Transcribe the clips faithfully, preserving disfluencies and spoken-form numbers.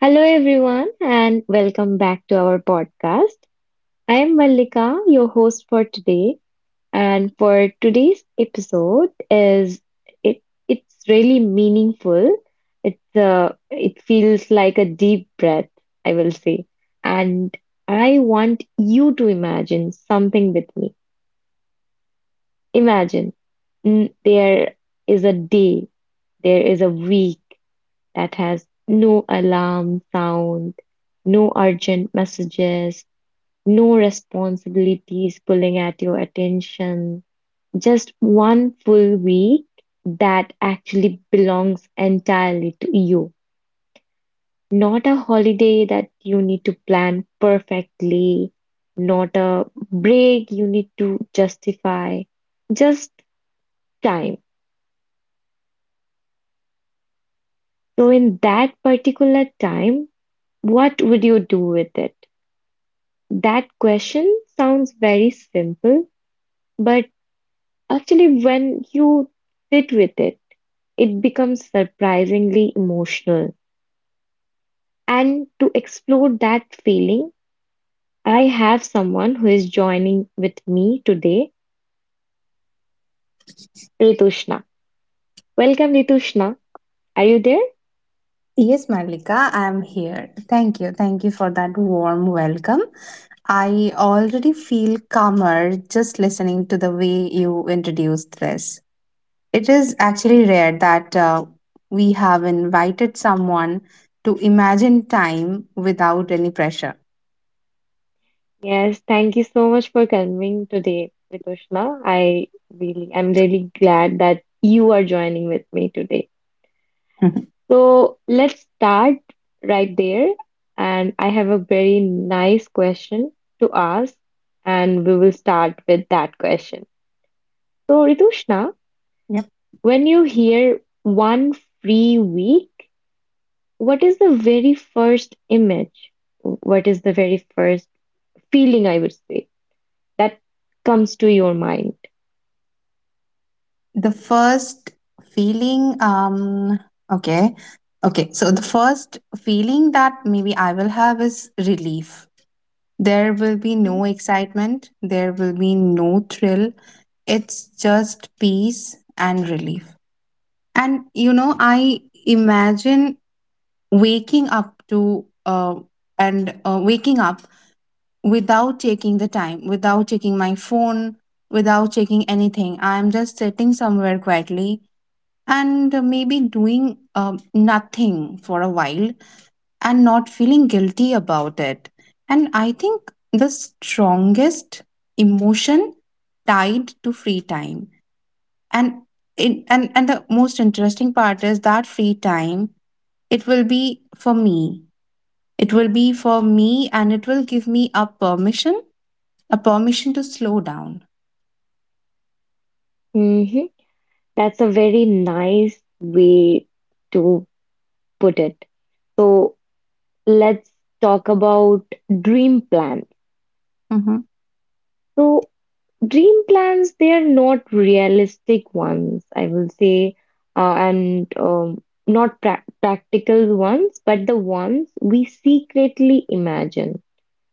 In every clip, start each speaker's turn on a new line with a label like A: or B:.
A: Hello, everyone, and welcome back to our podcast. I am Mallika, your host for today. And for today's episode is it it's really meaningful. It's uh, it feels like a deep breath, I will say. And I want you to imagine something with me. Imagine mm, there is a day, there is a week, that has no alarm sound, no urgent messages, no responsibilities pulling at your attention. Just one full week that actually belongs entirely to you. Not a holiday that you need to plan perfectly, not a break you need to justify, just time. So, in that particular time, what would you do with it? That question sounds very simple, but actually, when you sit with it, it becomes surprisingly emotional. And to explore that feeling, I have someone who is joining with me today, Ritushna. Welcome, Ritushna. Are you there?
B: Yes, Malika, I am here. Thank you. Thank you for that warm welcome. I already feel calmer just listening to the way you introduced this. It is actually rare that uh, we have invited someone to imagine time without any pressure.
A: Yes, thank you so much for coming today, Ritushna. I really, I'm really glad that you are joining with me today. So let's start right there. And I have a very nice question to ask, and we will start with that question. So, Ritushna,
B: yep.
A: when you hear one free week, what is the very first image? What is the very first feeling, I would say, that comes to your mind?
B: The first feeling, um, okay. Okay, so the first feeling that maybe I will have is relief. There will be no excitement, there will be no thrill. It's just peace and relief. And you know, I imagine waking up to uh, and uh, waking up without taking the time, without taking my phone, without taking anything. I'm just sitting somewhere quietly and maybe doing um, nothing for a while and not feeling guilty about it. And I think the strongest emotion tied to free time. And it, and, and the most interesting part is that free time, it will be for me. It will be for me and it will give me a permission, a permission to slow down.
A: Mhm. That's a very nice way to put it. So let's talk about dream plans.
B: Hmm.
A: So dream plans, they are not realistic ones, I will say, uh, and um, not prac practical ones, but the ones we secretly imagine.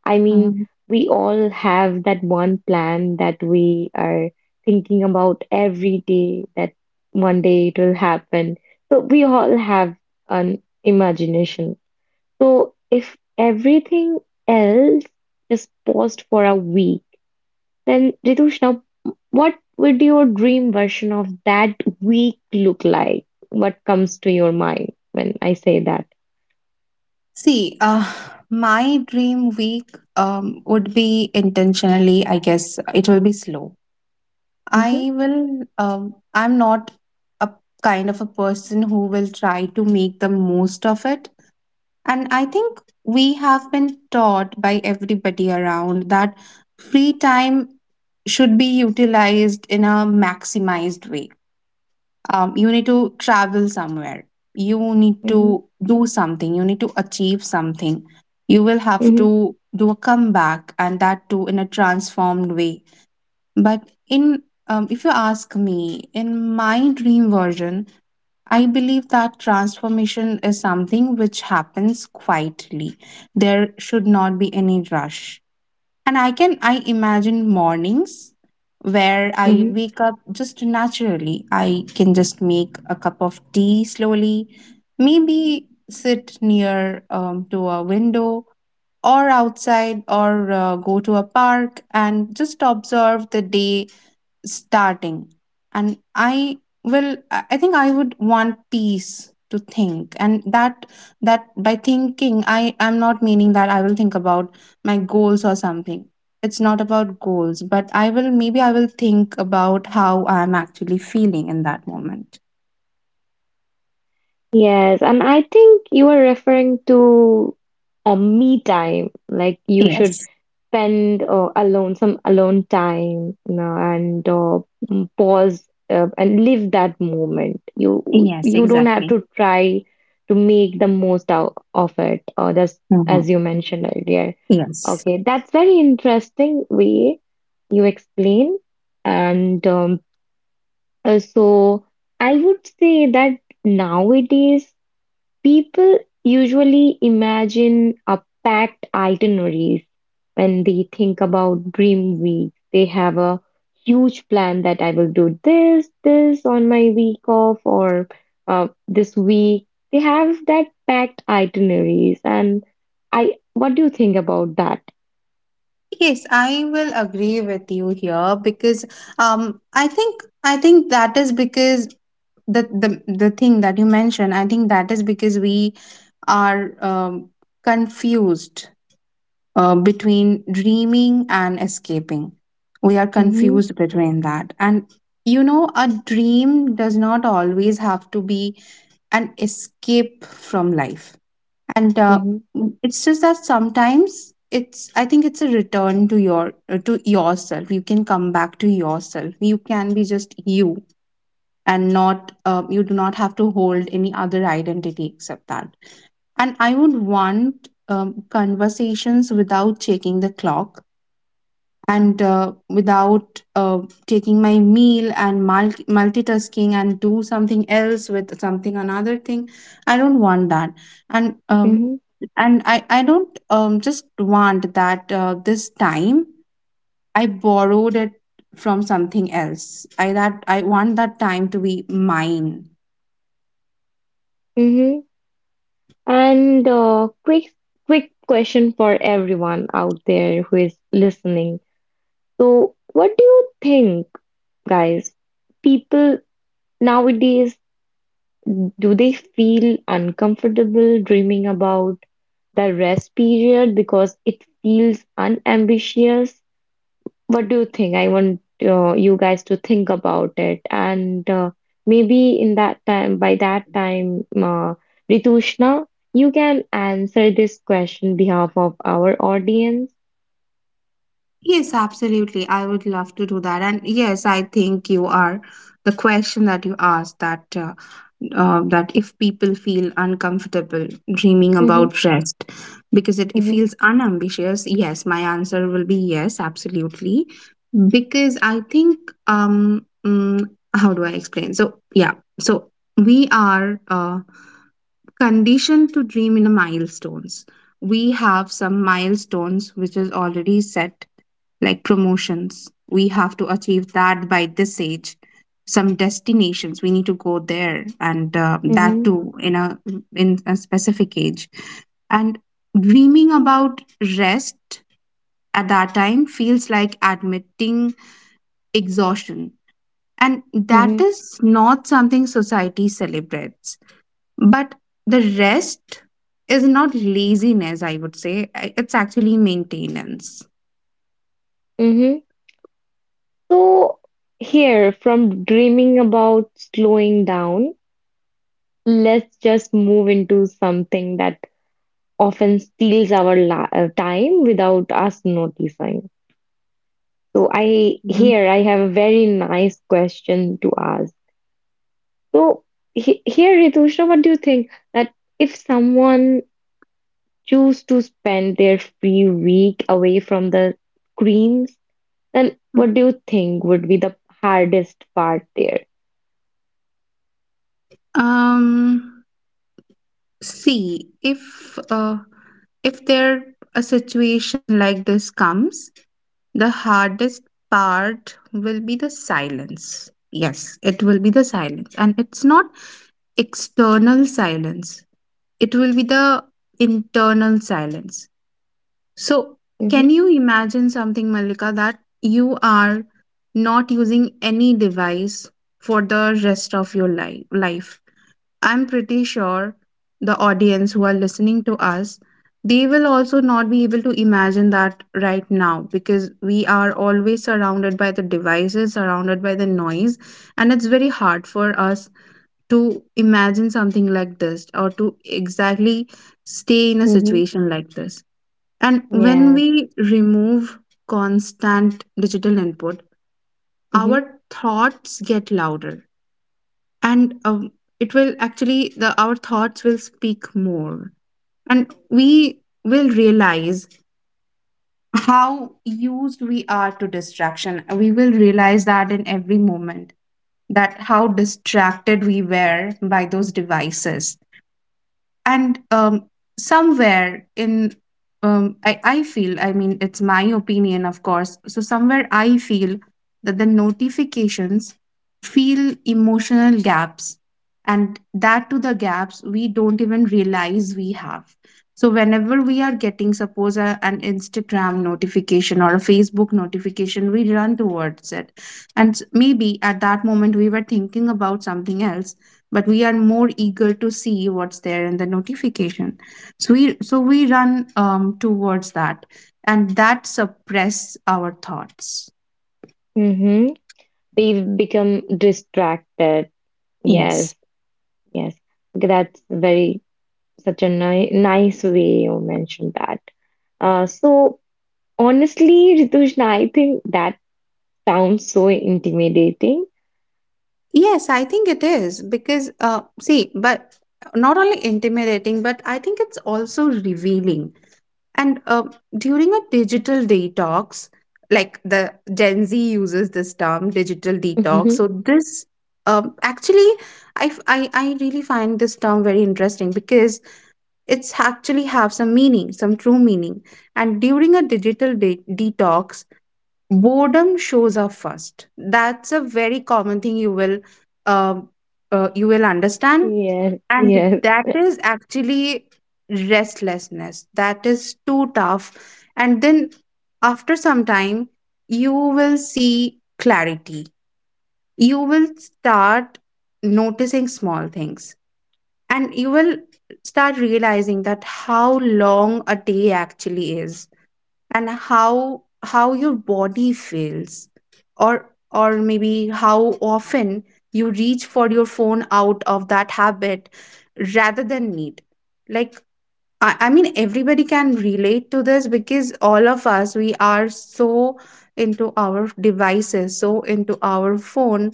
A: I mean, we all have that one plan that we are thinking about every day that one day it will happen. So we all have an imagination. So if everything else is paused for a week, then Ritushna, what would your dream version of that week look like? What comes to your mind when I say that?
B: See, uh, my dream week um, would be intentionally, I guess it will be slow.
A: Mm-hmm.
B: I will, um, I'm not a kind of a person who will try to make the most of it. And I think we have been taught by everybody around that free time should be utilized in a maximized way. Um, you need to travel somewhere, you need
A: Mm-hmm.
B: to do something, you need to achieve something, you will have
A: Mm-hmm.
B: to do a comeback, and that too in a transformed way. But in um, if you ask me, in my dream version, I believe that transformation is something which happens quietly. There should not be any rush, and I can I imagine mornings where I wake up just naturally. I can just make a cup of tea slowly, maybe sit near um, to a window or outside, or uh, go to a park and just observe the day starting. And i will i I think I would want peace to think, and that that by thinking, I am not meaning that I will think about my goals or something. It's not about goals, but I will maybe I will think about how I am actually feeling in that moment.
A: Yes, and I think you are referring to a me time. Like you should
B: Yes.
A: spend uh, alone some alone time, you know, and uh, mm, pause uh, and live that moment. You
B: Yes,
A: you don't have
B: exactly.
A: to try to make the most out of it, or just as
B: Mhm.
A: you mentioned earlier.
B: Yes.
A: Okay, that's very interesting way you explain, and um, uh, so I would say that nowadays. People usually imagine a packed itineraries when they think about dream week. They have a huge plan that I will do this, this on my week off or uh, this week. They have that packed itineraries, and I. What do you think about that?
B: Yes, I will agree with you here, because um I think I think that is because the the the thing that you mentioned, I think that is because we are um, confused uh, between dreaming and escaping. We are
A: Mm-hmm.
B: confused between that. And you know, a dream does not always have to be an escape from life, and uh,
A: Mm-hmm.
B: mm, it's just that sometimes it's I think it's a return to your uh, to yourself. You can come back to yourself. You can be just you and not uh, you do not have to hold any other identity except that. And I would want, um, conversations without checking the clock, and uh, without uh, taking my meal and multi- multitasking and do something else with something another thing. I don't want that. And um,
A: Mm-hmm.
B: and i i don't um just want that uh, this time I borrowed it from something else. I that i want that time to be mine.
A: Mm-hmm. And uh, quick, quick question for everyone out there who is listening. So, what do you think, guys? People nowadays, do they feel uncomfortable dreaming about the rest period because it feels unambitious? What do you think? I want uh, you guys to think about it. And uh, maybe in that time, by that time, uh, Ritushna, you can answer this question behalf of our audience.
B: Yes, absolutely. I would love to do that. And yes, I think you are, the question that you asked that uh, uh, that if people feel uncomfortable dreaming
A: Mm-hmm.
B: about rest because it, it
A: Mm-hmm.
B: feels unambitious, yes, my answer will be yes, absolutely. Because I think um mm, how do I explain? So yeah so we are uh, conditioned to dream in a milestones. We have some milestones which is already set, like promotions. We have to achieve that by this age. Some destinations we need to go there, and uh, that
A: Mm-hmm.
B: too in a in a specific age. And dreaming about rest at that time feels like admitting exhaustion, and that
A: Mm-hmm.
B: is not something society celebrates. But the rest is not laziness, I would say. I- it's actually maintenance.
A: Mm-hmm. So, here from dreaming about slowing down, let's just move into something that often steals our la- uh, time without us noticing. So, I
B: Mhm.
A: here I have a very nice question to ask. So, he, here Ritusha, what do you think that if someone choose to spend their free week away from the screens, then what do you think would be the hardest part there?
B: um See, if uh, if there a situation like this comes, the hardest part will be the silence. Yes, it will be the silence. And it's not external silence, it will be the internal silence. So,
A: Mhm.
B: can you imagine something, Malika, that you are not using any device for the rest of your life? life? I'm pretty sure the audience who are listening to us, they will also not be able to imagine that right now, because we are always surrounded by the devices, surrounded by the noise, and it's very hard for us to imagine something like this or to exactly stay in a
A: Mhm.
B: situation like this. And when
A: Yes.
B: we remove constant digital input,
A: Mhm.
B: our thoughts get louder, and um, it will actually the our thoughts will speak more, and we will realize how used we are to distraction. We will realize that in every moment, that how distracted we were by those devices. And um, somewhere in um, I, I feel, I mean, it's my opinion, of course, so somewhere I feel that the notifications feel emotional gaps, and that to the gaps we don't even realize we have. So whenever we are getting, suppose a, an Instagram notification or a Facebook notification, we run towards it. And maybe at that moment we were thinking about something else, but we are more eager to see what's there in the notification. So we so we run um, towards that, and that suppress our thoughts.
A: Mhm. We've become distracted.
B: Yes.
A: Yes. Yes. Okay, that's very such a ni nice way you mentioned that. Uh, so honestly, Ritushna, I think that sounds so intimidating.
B: Yes, I think it is because, uh, see, but not only intimidating, but I think it's also revealing. And uh, during a digital detox, like the Gen Z uses this term, digital detox.
A: Mm-hmm.
B: So this, um, actually, I, f- I I really find this term very interesting because it's actually have some meaning, some true meaning. And during a digital de- detox, boredom shows up first. That's a very common thing you will uh, uh, you will understand.
A: Yes,
B: And
A: yes.
B: that is actually restlessness, that is too tough. And then after some time you will see clarity. You will start noticing small things, and you will start realizing that how long a day actually is, and how how your body feels, or or maybe how often you reach for your phone out of that habit rather than need. Like, I, I mean, everybody can relate to this because all of us, we are so into our devices, so into our phone.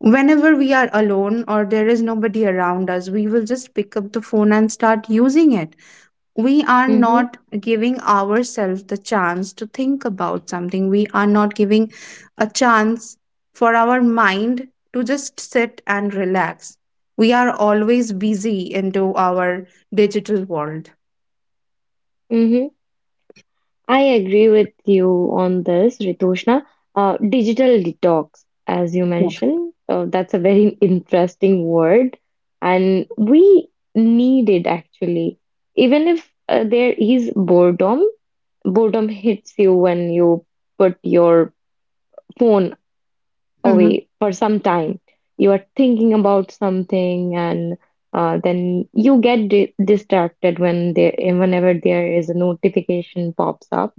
B: Whenever we are alone or there is nobody around us, we will just pick up the phone and start using it. We are
A: Mm-hmm.
B: not giving ourselves the chance to think about something. We are not giving a chance for our mind to just sit and relax. We are always busy into our digital world.
A: Mm-hmm. I agree with you on this, Ritushna. Uh, digital detox, as you
B: Yeah.
A: mentioned, uh, that's a very interesting word, and we need it actually. Even if uh, there is boredom, boredom hits you when you put your phone
B: Hmm.
A: away for some time. You are thinking about something, and uh, then you get di distracted when there, whenever there is a notification pops up.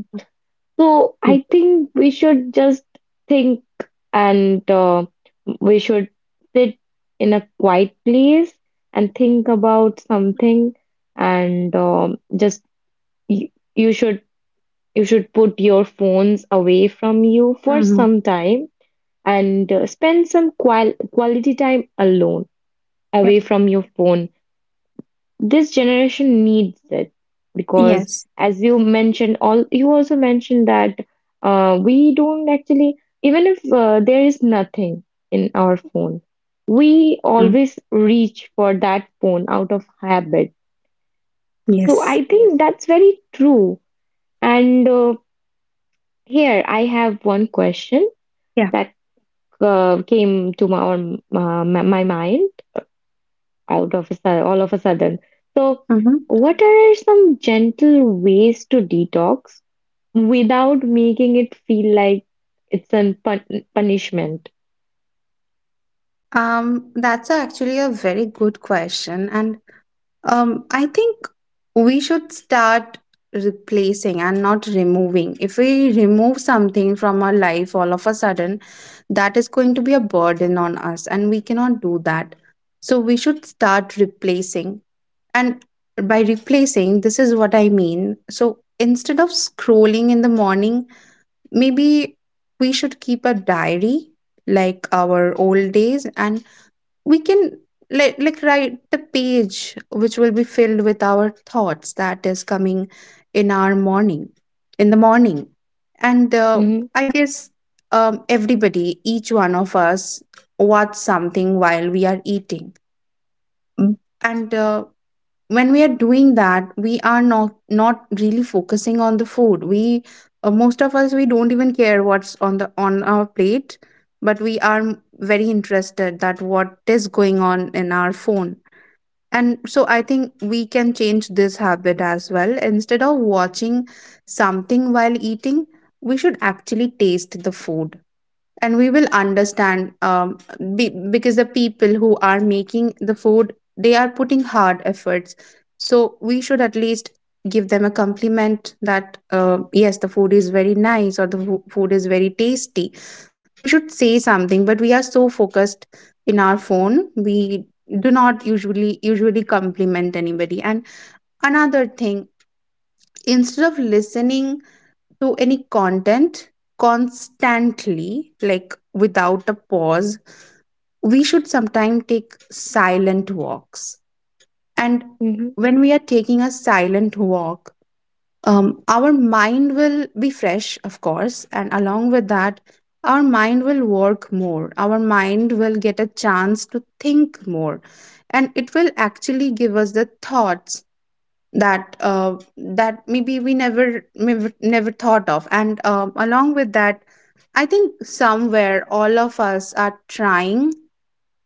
A: So
B: Yeah.
A: I think we should just think, and uh, we should sit in a quiet place and think about something, and um, just you, you should you should put your phones away from you for
B: Hmm.
A: some time and uh, spend some qual- quality time alone,
B: Yep.
A: away from your phone. This generation needs it because,
B: Yes.
A: as you mentioned, all you also mentioned that uh, we don't actually, even if uh, there is nothing in our phone, we
B: Mm-hmm.
A: always reach for that phone out of habit. So
B: Yes.
A: I think that's very true. And uh, here I have one question
B: Yeah.
A: that uh, came to my, our, uh, my my mind out of a, su- all of a sudden. So,
B: Mm-hmm.
A: what are some gentle ways to detox without making it feel like it's a pun punishment?
B: Um, that's actually a very good question. And Um, I think we should start replacing and not removing. If we remove something from our life all of a sudden, that is going to be a burden on us, and we cannot do that. So we should start replacing. And by replacing, this is what I mean. So instead of scrolling in the morning, maybe we should keep a diary, like our old days, and we can like, like write the page which will be filled with our thoughts that is coming in our morning in the morning. And uh,
A: Hmm.
B: I guess um, everybody, each one of us, watch something while we are eating. Mm. And uh, when we are doing that, we are not not really focusing on the food. We, uh, most of us, we don't even care what's on the on our plate, but we are m- very interested that what is going on in our phone. And so I think we can change this habit as well. Instead of watching something while eating, we should actually taste the food, and we will understand, um, be, because the people who are making the food, they are putting hard efforts, so we should at least give them a compliment that uh, yes, the food is very nice, or the fo- food is very tasty. We should say something, but we are so focused in our phone, we do not usually usually compliment anybody. And another thing, instead of listening to any content constantly, like without a pause, we should sometimes take silent walks. And
A: Hmm.
B: when we are taking a silent walk, um, our mind will be fresh, of course, and along with that, our mind will work more. Our mind will get a chance to think more, and it will actually give us the thoughts that uh, that maybe we never never never thought of. And um, along with that, I think somewhere all of us are trying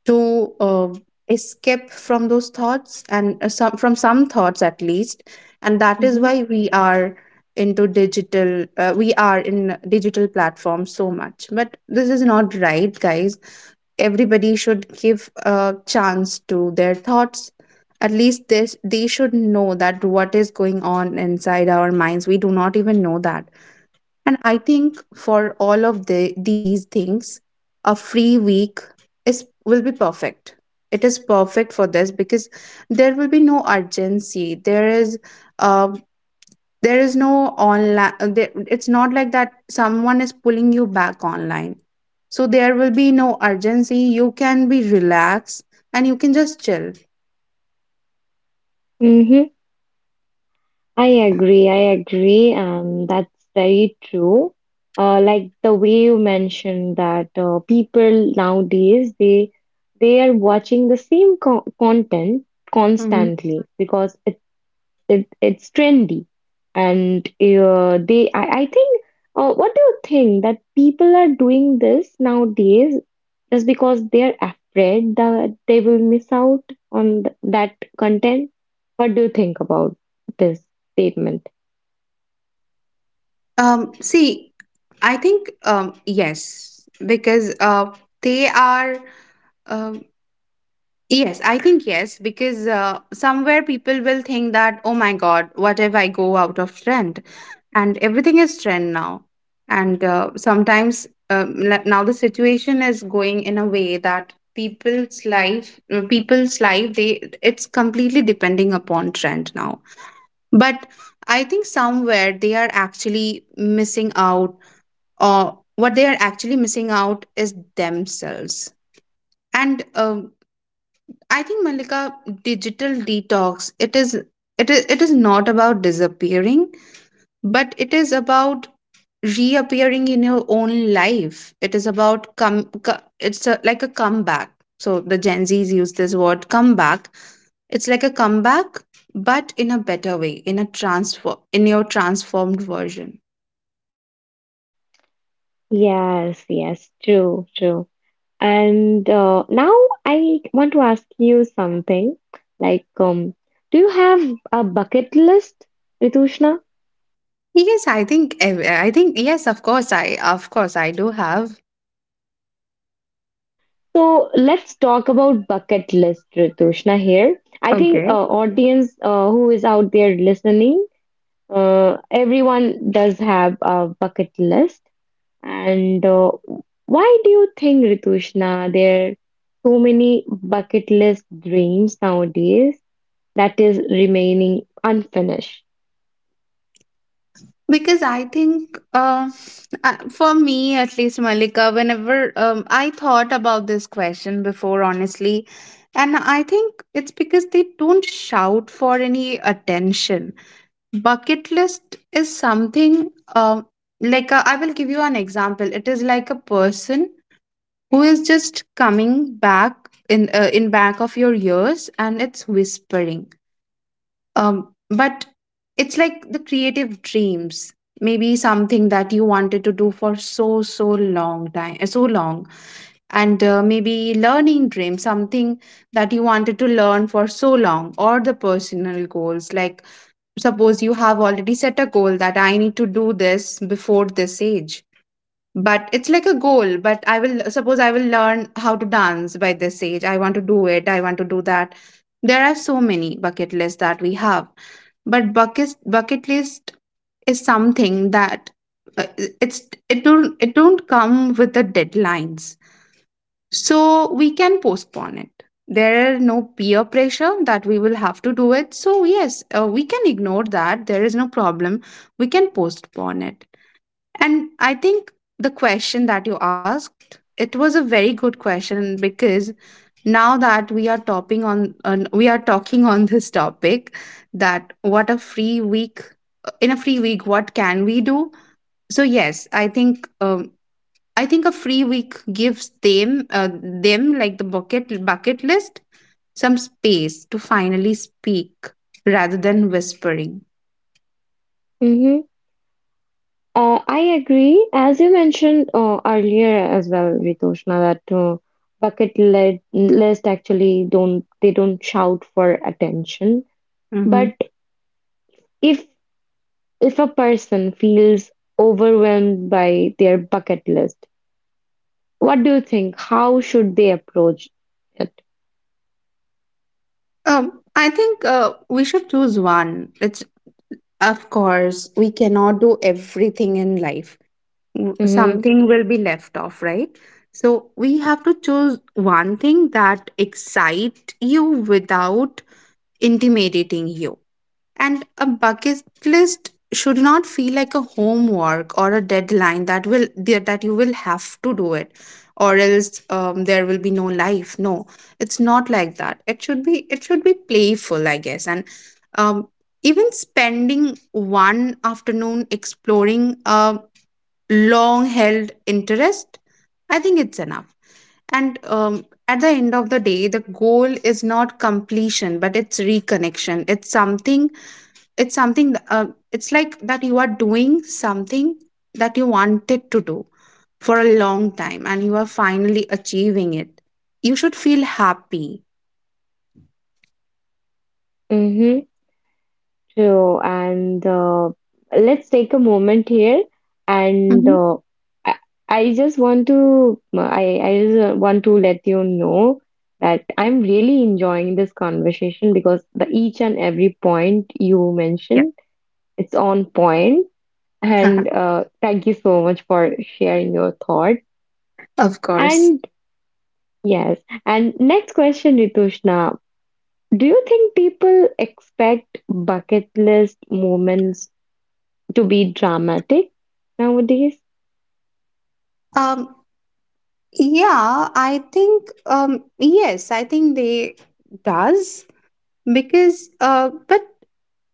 B: to uh, escape from those thoughts, and uh, some from some thoughts at least, and that is
A: Hmm.
B: why we are into digital uh, we are in digital platforms so much. But this is not right, guys. Everybody should give a chance to their thoughts. At least this they should know, that what is going on inside our minds we do not even know that. And I think for all of the, these things, a free week is will be perfect. It is perfect for this because there will be no urgency. There is uh, there is no online. There, it's not like that someone is pulling you back online. So there will be no urgency. You can be relaxed and you can just chill.
A: Hmm. I agree. I agree, and that's very true. Uh, like the way you mentioned that uh, people nowadays they they are watching the same co content
B: Mhm.
A: constantly because It, it's trendy. And uh, they, I, I think, uh, what do you think that people are doing this nowadays just because they're afraid that they will miss out on th- that content? What do you think about this statement?
B: Um, see, I think um, yes, because uh, they are. Um Yes, I think yes, because uh, somewhere people will think that, oh my God, what if I go out of trend? And everything is trend now. And uh, sometimes um, n- now the situation is going in a way that people's life, uh, people's life, they it's completely depending upon trend now. But I think somewhere they are actually missing out, or what they are actually missing out is themselves. And um I think, Malika, digital detox, it is it is it is not about disappearing, but it is about reappearing in your own life. It is about come co- it's a, like a comeback. So the gen z's use this word comeback. It's like a comeback, but in a better way, in a transfer in your transformed version.
A: Yes, yes, true, true. And uh, now I want to ask you something. Like, um, do you have a bucket list, Ritushna?
B: Yes, I think ev- I think yes, of course. I of course I do have.
A: So let's talk about bucket list, Ritushna here. I think uh, audience uh, who is out there listening, uh, everyone does have a bucket list. And uh, why do you think, Ritushna, there are so many bucket list dreams nowadays that is remaining unfinished?
B: Because I think, uh, uh, for me at least, Malika, whenever um, I thought about this question before, honestly, and I think it's because they don't shout for any attention. Bucket list is something, um, like uh, I will give you an example. It is like a person who is just coming back in uh, in back of your ears, and it's whispering. Um, but it's like the creative dreams, maybe something that you wanted to do for so so long, time so long. And uh, maybe learning dreams, something that you wanted to learn for so long, or the personal goals, like suppose you have already set a goal that I need to do this before this age. But it's like a goal, but I will, suppose I will learn how to dance by this age. I want to do it, I want to do that. There are so many bucket lists that we have, but bucket bucket list is something that uh, it's, it don't it don't come with the deadlines, so we can postpone it. There are no peer pressure that we will have to do it. So yes, uh, we can ignore that. There is no problem. We can postpone it. And I think the question that you asked, it was a very good question, because now that we are topping on, on we are talking on this topic, that what a free week, in a free week what can we do? So yes, I think um, I think a free week gives them uh, them like the bucket bucket list some space to finally speak rather than whispering.
A: Mm-hmm. Uh, I agree. As you mentioned uh, earlier as well, Ritoshna, that uh, bucket led list actually don't they don't shout for attention.
B: Mhm.
A: But if if a person feels overwhelmed by their bucket list, what do you think? How should they approach it?
B: Um, I think uh, we should choose one. It's, of course, we cannot do everything in life. W-
A: Mm-hmm.
B: Something will be left off, right? So we have to choose one thing that excite you without intimidating you. And a bucket list should not feel like a homework or a deadline, that will, that you will have to do it, or else um, there will be no life. No it's not like that it should be, it should be playful, I guess. And um, even spending one afternoon exploring a long held interest, I think it's enough. And um, at the end of the day, the goal is not completion, but it's reconnection. It's something, it's something th- uh, it's like that you are doing something that you wanted to do for a long time, and you are finally achieving it. You should feel happy.
A: Mm-hmm. True, and uh, let's take a moment here, and
B: Hmm.
A: uh, I, I just want to uh, I I just uh, want to let you know that I'm really enjoying this conversation because the each and every point you mentioned, it's on point, and
B: Yeah.
A: uh, thank you so much for sharing your thought.
B: Of course.
A: And yes, and next question, Ritushna, do you think people expect bucket list moments to be dramatic nowadays?
B: um yeah, I think, um yes, I think they does, because uh but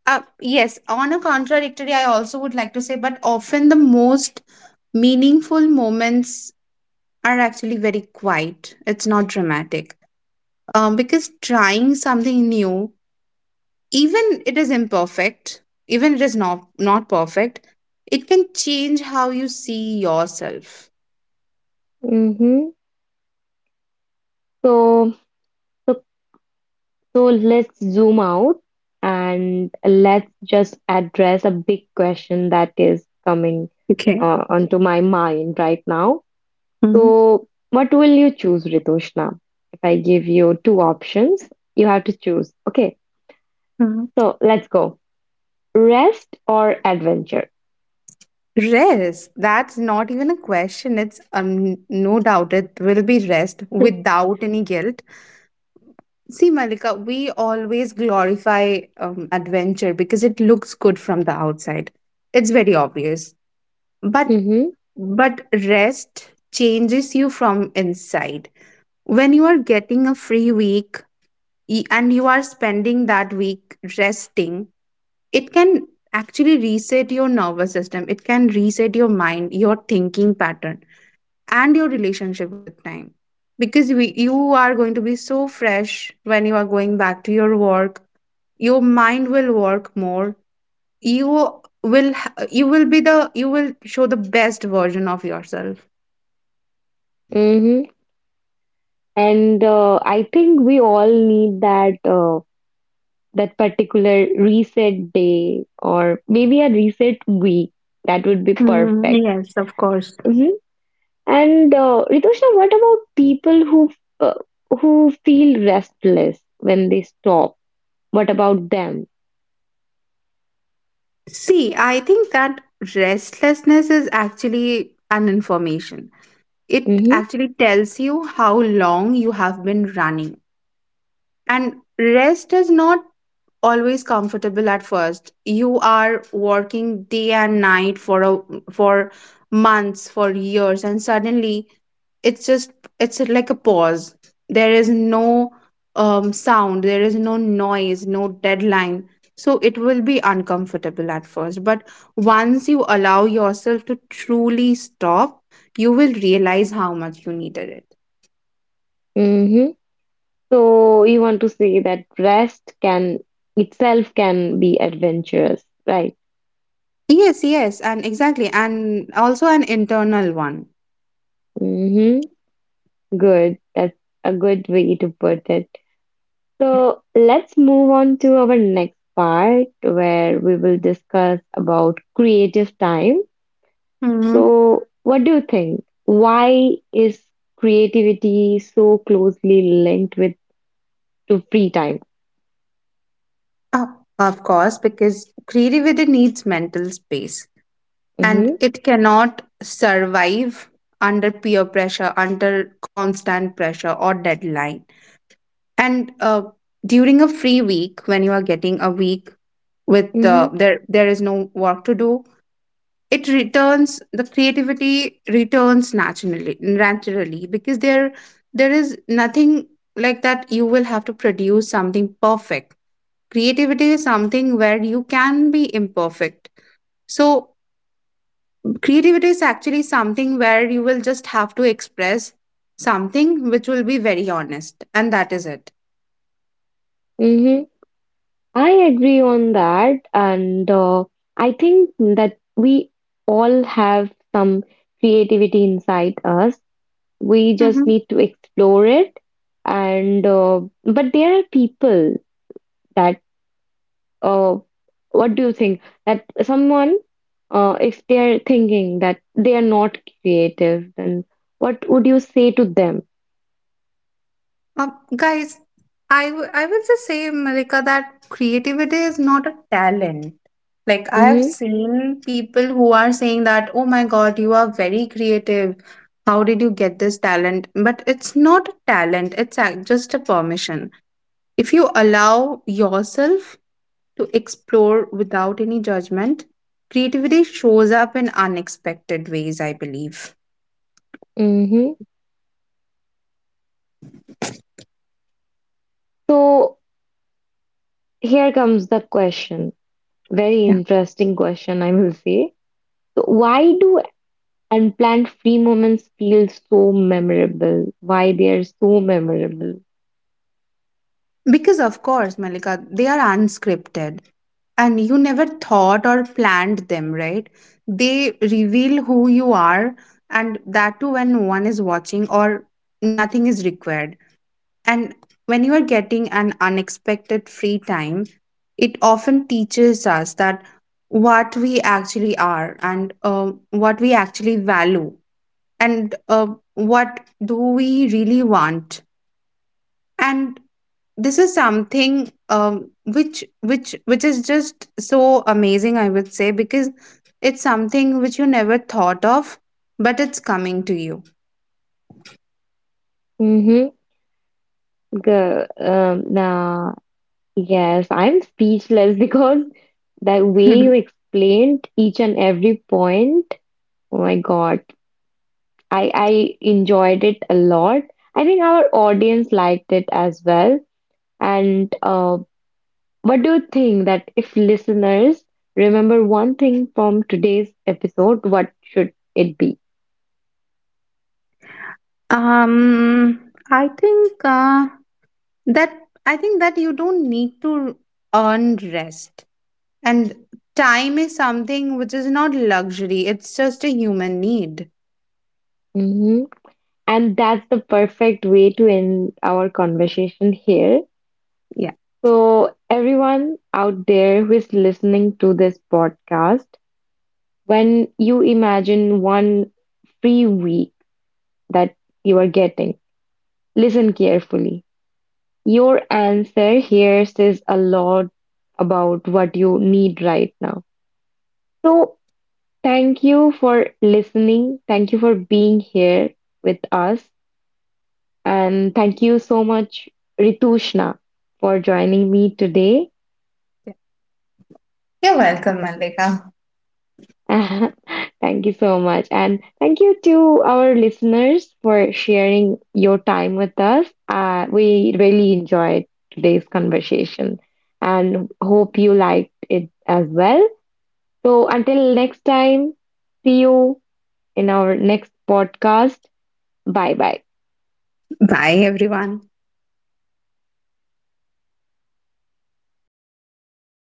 B: uh, yes, on a contradictory I also would like to say, but often the most meaningful moments are actually very quiet. It's not dramatic. Um, because trying something new, even it is imperfect, even it is not not perfect, it can change how you see yourself.
A: Hmm. So, so, so let's zoom out and let's just address a big question that is coming
B: Okay.
A: uh, onto my mind right now.
B: Hmm.
A: So, what will you choose, Ritushna? If I give you two options, you have to choose. Okay,
B: Hmm.
A: so let's go. Rest or adventure?
B: Rest, that's not even a question. It's um, no doubt, it will be rest without any guilt. See, Malika, we always glorify um, adventure because it looks good from the outside. It's very obvious, but
A: Mm-hmm.
B: but rest changes you from inside. When you are getting a free week, y- and you are spending that week resting, it can actually reset your nervous system. It can reset your mind, your thinking pattern, and your relationship with time. Because we, you are going to be so fresh when you are going back to your work. Your mind will work more. You will ha- you will be the, you will show the best version of yourself.
A: Mm-hmm. And uh, I think we all need that. Uh, that particular reset day or maybe a reset week. That would be
B: Mhm,
A: perfect.
B: yes, of course.
A: Hmm. And uh, Ritushna, what about people who uh, who feel restless when they stop? What about them?
B: See, I think that restlessness is actually an information. It
A: Hmm.
B: actually tells you how long you have been running. And rest is not always comfortable at first. You are working day and night for a, for months, for years, and suddenly it's just, it's like a pause. There is no um, sound, there is no noise, no deadline. So it will be uncomfortable at first, but once you allow yourself to truly stop, you will realize how much you needed it.
A: Hmm. So you want to say that rest can itself can be adventurous, right?
B: Yes, yes, and exactly, and also an internal one.
A: Hmm. Good. That's a good way to put it. So let's move on to our next part where we will discuss about creative time.
B: Hmm.
A: So, what do you think? Why is creativity so closely linked with to free time?
B: Oh, of course, because creativity needs mental space, and
A: Mm-hmm.
B: it cannot survive under peer pressure, under constant pressure or deadline. And uh, during a free week, when you are getting a week with
A: Mm-hmm.
B: uh, there, there is no work to do, it returns, the creativity returns naturally naturally because there there is nothing like that you will have to produce something perfect. Creativity is something where you can be imperfect. So creativity is actually something where you will just have to express something which will be very honest, and that is it.
A: Mm-hmm. I agree on that, and uh, I think that we all have some creativity inside us. We just need to explore it, and uh, but there are people that uh, what do you think that someone uh, if they are thinking that they are not creative, then what would you say to them?
B: Um, guys, I, w- I will just say, Malika, that creativity is not a talent. Like, I have
A: Hmm.
B: seen people who are saying that, oh my God, you are very creative. How did you get this talent? But it's not a talent, it's a- just a permission. If you allow yourself to explore without any judgment, creativity shows up in unexpected ways, I believe.
A: Hmm. So here comes the question, very interesting question I will say. So why do unplanned free moments feel so memorable? Why they are so memorable?
B: Because, of course, Malika, they are unscripted and you never thought or planned them, right? They reveal who you are, and that too when no one is watching or nothing is required. And when you are getting an unexpected free time, it often teaches us that what we actually are, and uh, what we actually value, and uh, what do we really want. And this is something, um, which which which is just so amazing, I would say, because it's something which you never thought of, but it's coming to you.
A: Mm-hmm. The, um Yes, I'm speechless because the way you explained each and every point, oh my God, I I enjoyed it a lot. I think our audience liked it as well. And uh, what do you think that if listeners remember one thing from today's episode, what should it be?
B: um I think, uh, that I think that you don't need to earn rest. And time is something which is not luxury, it's just a human need.
A: Hmm. And that's the perfect way to end our conversation here.
B: Yeah.
A: So, everyone out there who is listening to this podcast, when you imagine one free week that you are getting, listen carefully. Your answer here says a lot about what you need right now. So, thank you for listening. Thank you for being here with us. And thank you so much, Ritushna, for joining me today.
B: You're welcome, Malika.
A: Thank you so much. And thank you to our listeners for sharing your time with us. Uh, we really enjoyed today's conversation and hope you liked it as well. So until next time, see you in our next podcast. Bye bye.
B: Bye, everyone.